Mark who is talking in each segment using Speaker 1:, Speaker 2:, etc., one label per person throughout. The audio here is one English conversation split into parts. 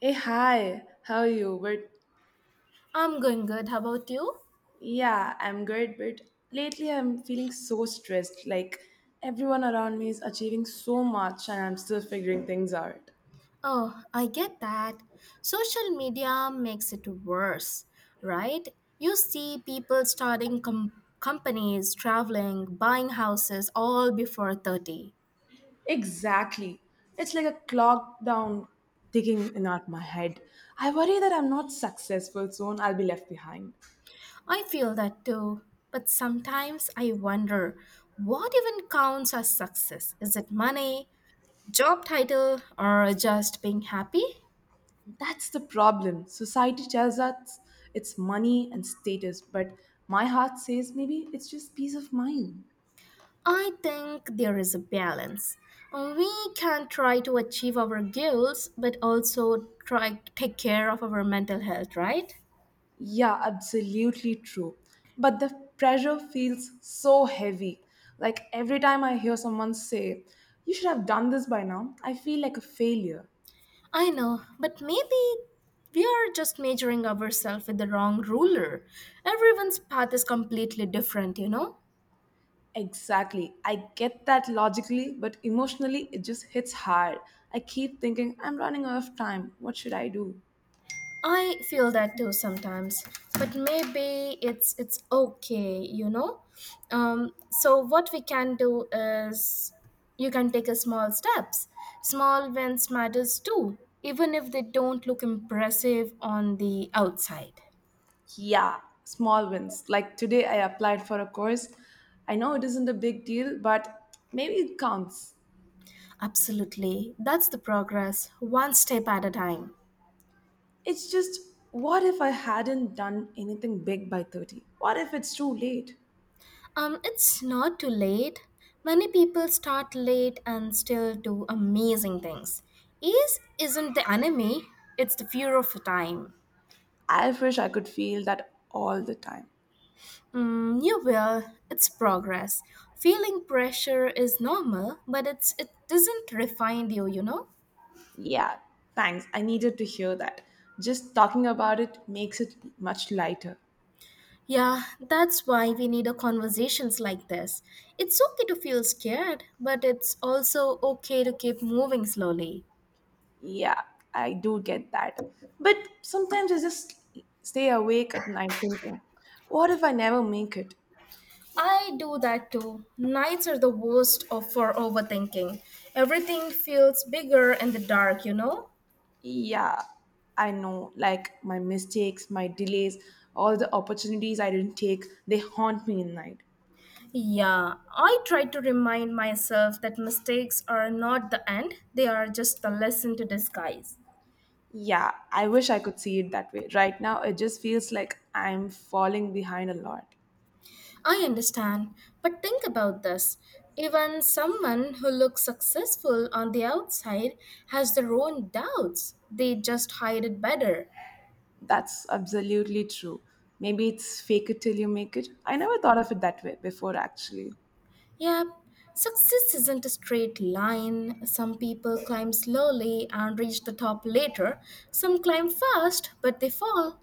Speaker 1: Hey, hi, how are you? But
Speaker 2: I'm going good. How about you?
Speaker 1: yeah, I'm good, but lately I'm feeling so stressed. Like everyone around me is achieving so much and I'm still figuring things out.
Speaker 2: Oh, I get that. Social media makes it worse, right? You see people companies, traveling, buying houses all before 30.
Speaker 1: Exactly. It's like a clock down ticking in out my head. I worry that I'm not successful soon, I'll be left behind.
Speaker 2: I feel that too. But sometimes I wonder what even counts as success? Is it money, job title, or just being happy?
Speaker 1: That's the problem. Society tells us it's money and status, but my heart says maybe it's just peace of mind.
Speaker 2: I think there is a balance. We can try to achieve our goals, but also try to take care of our mental health, right?
Speaker 1: Yeah, absolutely true. But the pressure feels so heavy. Like every time I hear someone say, you should have done this by now, I feel like a failure.
Speaker 2: I know, but maybe we are just measuring ourselves with the wrong ruler. Everyone's path is completely different, you know?
Speaker 1: Exactly. I get that logically, but emotionally, it just hits hard. I keep thinking, I'm running out of time. What should I do?
Speaker 2: I feel that too sometimes, but maybe it's okay, you know. So what we can do is you can take a small steps. Small wins matters too, even if they don't look impressive on the outside.
Speaker 1: Yeah, small wins. Like today, I applied for a course. I know it isn't a big deal, but maybe it counts.
Speaker 2: Absolutely, that's the progress, one step at a time.
Speaker 1: It's just, what if I hadn't done anything big by 30? What if it's too late?
Speaker 2: It's not too late. Many people start late and still do amazing things. Ease isn't the enemy, it's the fear of time.
Speaker 1: I wish I could feel that all the time.
Speaker 2: Mm, you will, it's progress. Feeling pressure is normal, but it doesn't refine you, you know?
Speaker 1: Yeah, thanks. I needed to hear that. Just talking about it makes it much lighter.
Speaker 2: Yeah, that's why we need a conversations like this. It's okay to feel scared, but it's also okay to keep moving slowly.
Speaker 1: Yeah, I do get that. But sometimes I just stay awake at night thinking, what if I never make it?
Speaker 2: I do that too. Nights are the worst of for overthinking. Everything feels bigger in the dark, you know?
Speaker 1: Yeah, I know, like my mistakes, my delays, all the opportunities I didn't take, they haunt me at night.
Speaker 2: Yeah, I try to remind myself that mistakes are not the end, they are just the lesson to disguise.
Speaker 1: Yeah, I wish I could see it that way. Right now, it just feels like I'm falling behind a lot.
Speaker 2: I understand, but think about this. Even someone who looks successful on the outside has their own doubts. They just hide it better.
Speaker 1: That's absolutely true. Maybe it's fake it till you make it. I never thought of it that way before, actually.
Speaker 2: Yep, success isn't a straight line. Some people climb slowly and reach the top later. Some climb fast, but they fall.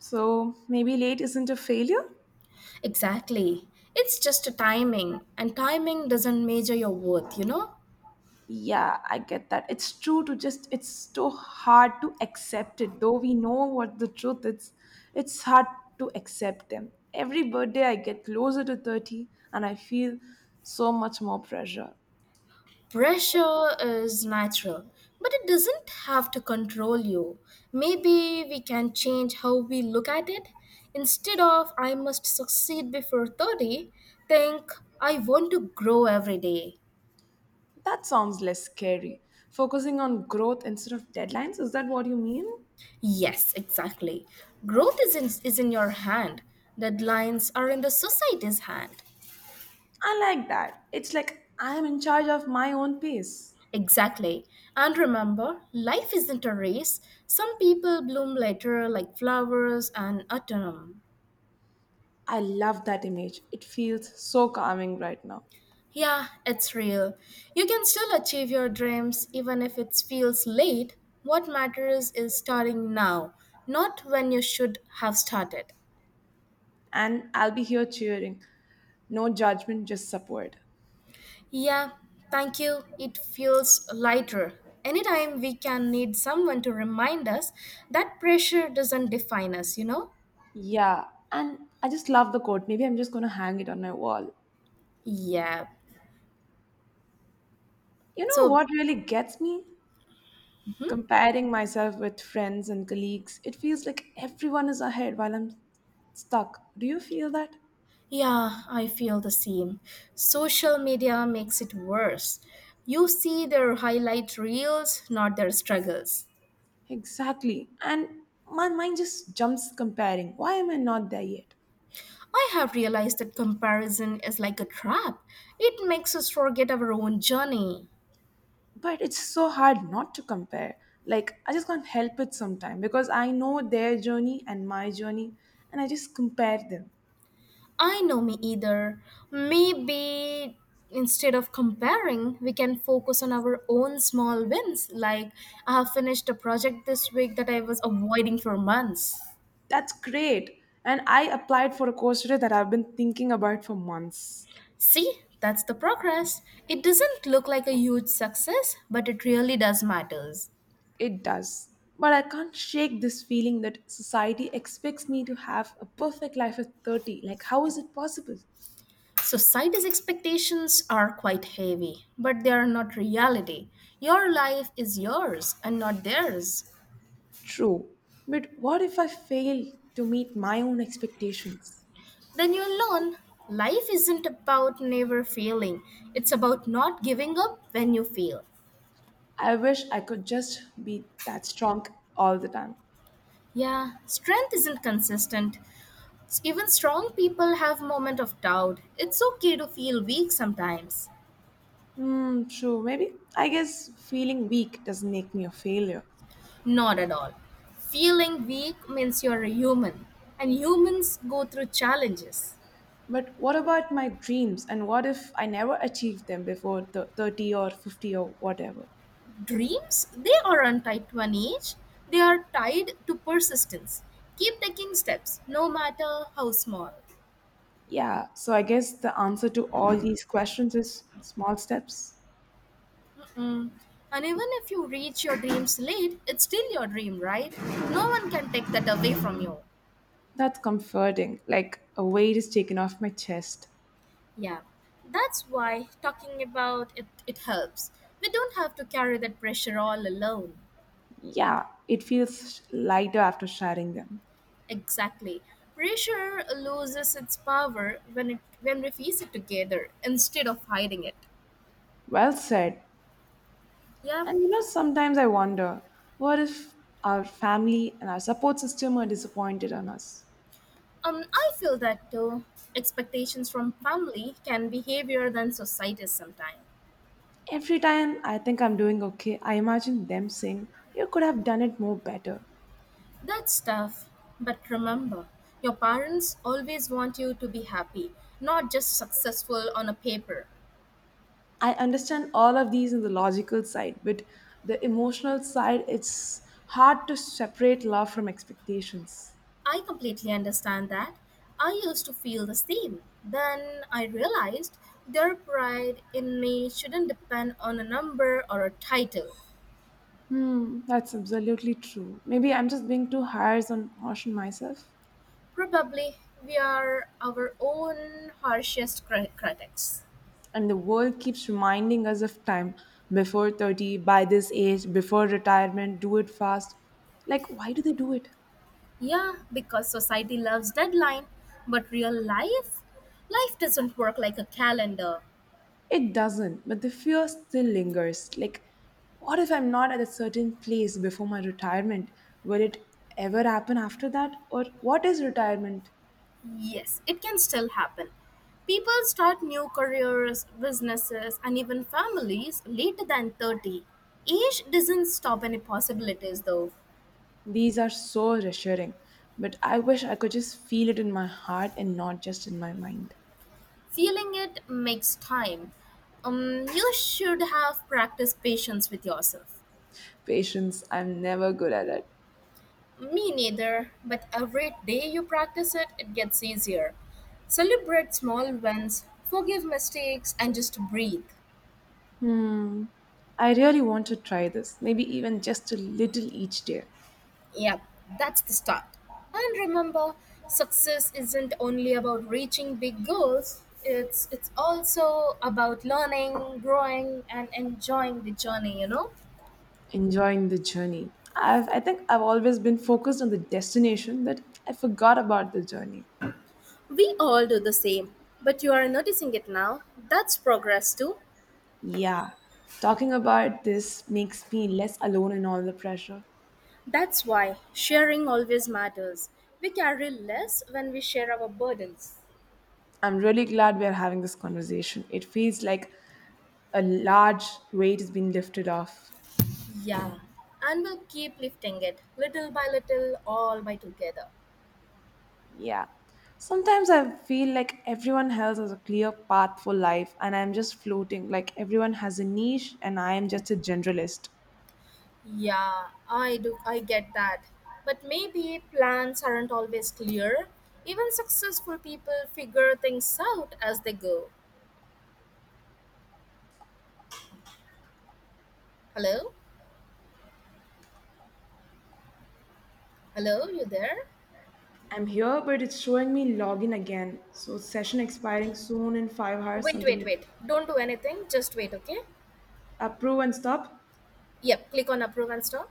Speaker 1: So maybe late isn't a failure?
Speaker 2: Exactly. It's just a timing, and timing doesn't measure your worth, you know?
Speaker 1: Yeah, I get that. It's true to just, it's so hard to accept it. Though we know what the truth is, it's hard to accept them. Every birthday, I get closer to 30 and I feel so much more pressure.
Speaker 2: Pressure is natural, but it doesn't have to control you. Maybe we can change how we look at it. Instead of I must succeed before 30, think I want to grow every day.
Speaker 1: That sounds less scary. Focusing on growth instead of deadlines, is that what you mean?
Speaker 2: Yes, exactly. Is in your hand. Deadlines are in the society's hand.
Speaker 1: I like that. It's like I am in charge of my own pace.
Speaker 2: Exactly. And remember, life isn't a race. Some people bloom later like flowers and autumn.
Speaker 1: I love that image. It feels so calming right now.
Speaker 2: Yeah, it's real. You can still achieve your dreams even if it feels late. What matters is starting now, not when you should have started.
Speaker 1: And I'll be here cheering. No judgment, just support.
Speaker 2: Yeah, thank you. It feels lighter. Anytime we can need someone to remind us that pressure doesn't define us, you know?
Speaker 1: Yeah, and I just love the quote. Maybe I'm just going to hang it on my wall.
Speaker 2: Yeah.
Speaker 1: You know
Speaker 2: So,
Speaker 1: what really gets me? Comparing myself with friends and colleagues. It feels like everyone is ahead while I'm stuck. Do you feel that?
Speaker 2: yeah, I feel the same. Social media makes it worse. You see their highlight reels, not their struggles.
Speaker 1: Exactly. And my mind just jumps comparing. Why am I not there yet?
Speaker 2: I have realized that comparison is like a trap. It makes us forget our own journey.
Speaker 1: But it's so hard not to compare. Like, I just can't help it sometimes because I know their journey and my journey, and I just compare them.
Speaker 2: I know me either. Maybe instead of comparing, we can focus on our own small wins. Like, I have finished a project this week that I was avoiding for months.
Speaker 1: That's great. And I applied for a course today that I've been thinking about for months.
Speaker 2: See, that's the progress. It doesn't look like a huge success, but it really does matters.
Speaker 1: It does. But I can't shake this feeling that society expects me to have a perfect life at 30. Like, how is it possible?
Speaker 2: Society's expectations are quite heavy, but they are not reality. Your life is yours and not theirs.
Speaker 1: True, but what if I fail to meet my own expectations?
Speaker 2: Then you'll learn life isn't about never failing, it's about not giving up when you fail.
Speaker 1: I wish I could just be that strong all the time.
Speaker 2: Yeah, strength isn't consistent. Even strong people have moment of doubt. It's okay to feel weak sometimes.
Speaker 1: Hmm, true, maybe. I guess feeling weak doesn't make me a failure.
Speaker 2: Not at all. Feeling weak means you're a human, and humans go through challenges.
Speaker 1: But what about my dreams and what if I never achieve them before the 30 or 50 or whatever?
Speaker 2: Dreams, they aren't tied to an age, they are tied to persistence. Keep taking steps, no matter how small.
Speaker 1: Yeah, so I guess the answer to all these questions is small steps.
Speaker 2: Mm. And even if you reach your dreams late, it's still your dream, right? No one can take that away from you.
Speaker 1: That's comforting, like a weight is taken off my chest.
Speaker 2: Yeah, that's why talking about it, it helps. We don't have to carry that pressure all alone.
Speaker 1: Yeah, it feels lighter after sharing them.
Speaker 2: Exactly. Pressure loses its power when we face it together instead of hiding it.
Speaker 1: Well said.
Speaker 2: Yeah,
Speaker 1: And you know, sometimes I wonder what if our family and our support system are disappointed on us?
Speaker 2: I feel that too. Expectations from family can be heavier than society sometimes.
Speaker 1: Every time I think I'm doing okay, I imagine them saying, you could have done it more better.
Speaker 2: That's tough. But remember, your parents always want you to be happy, not just successful on a paper.
Speaker 1: I understand all of these in the logical side, but the emotional side, it's hard to separate love from expectations.
Speaker 2: I completely understand that. I used to feel the same. Then I realized their pride in me shouldn't depend on a number or a title.
Speaker 1: Hmm, that's absolutely true. Maybe I'm just being too harsh on myself.
Speaker 2: Probably we are our own harshest critics.
Speaker 1: And the world keeps reminding us of time before 30, by this age, before retirement, do it fast. Like, why do they do it?
Speaker 2: Yeah, because society loves deadline, but real life? Life doesn't work like a calendar.
Speaker 1: It doesn't, but the fear still lingers. Like, what if I'm not at a certain place before my retirement? Will it ever happen after that? Or what is retirement?
Speaker 2: Yes, it can still happen. People start new careers, businesses, and even families later than 30. Age doesn't stop any possibilities though.
Speaker 1: These are so reassuring, but I wish I could just feel it in my heart and not just in my mind.
Speaker 2: Feeling it makes time. You should have practiced patience with yourself.
Speaker 1: Patience, I'm never good at it.
Speaker 2: Me neither, but every day you practice it, it gets easier. Celebrate small wins, forgive mistakes, and just breathe.
Speaker 1: Hmm. I really want to try this. Maybe even just a little each day,
Speaker 2: Yep, that's the start. And remember, success isn't only about reaching big goals. It's also about learning, growing and enjoying the journey, you know?
Speaker 1: enjoying the journey. I think I've always been focused on the destination that I forgot about the journey.
Speaker 2: We all do the same, but you are noticing it now. That's progress too.
Speaker 1: Yeah. Talking about this makes me less alone in all the pressure.
Speaker 2: That's why sharing always matters. We carry less when we share our burdens.
Speaker 1: I'm really glad we're having this conversation. It feels like a large weight has been lifted off.
Speaker 2: Yeah. And we'll keep lifting it little by little, all by together.
Speaker 1: Yeah. Sometimes I feel like everyone else has a clear path for life and I'm just floating, like everyone has a niche and I am just a generalist.
Speaker 2: Yeah, I do. I get that. But maybe plans aren't always clear. Even successful people figure things out as they go. Hello? Hello, you there?
Speaker 1: I'm here, but it's showing me login again. So session expiring soon in 5 hours,
Speaker 2: Wait, wait,
Speaker 1: something.
Speaker 2: wait. Don't do anything. Just wait, okay?
Speaker 1: Approve and stop.
Speaker 2: Yep, click on approve and stop.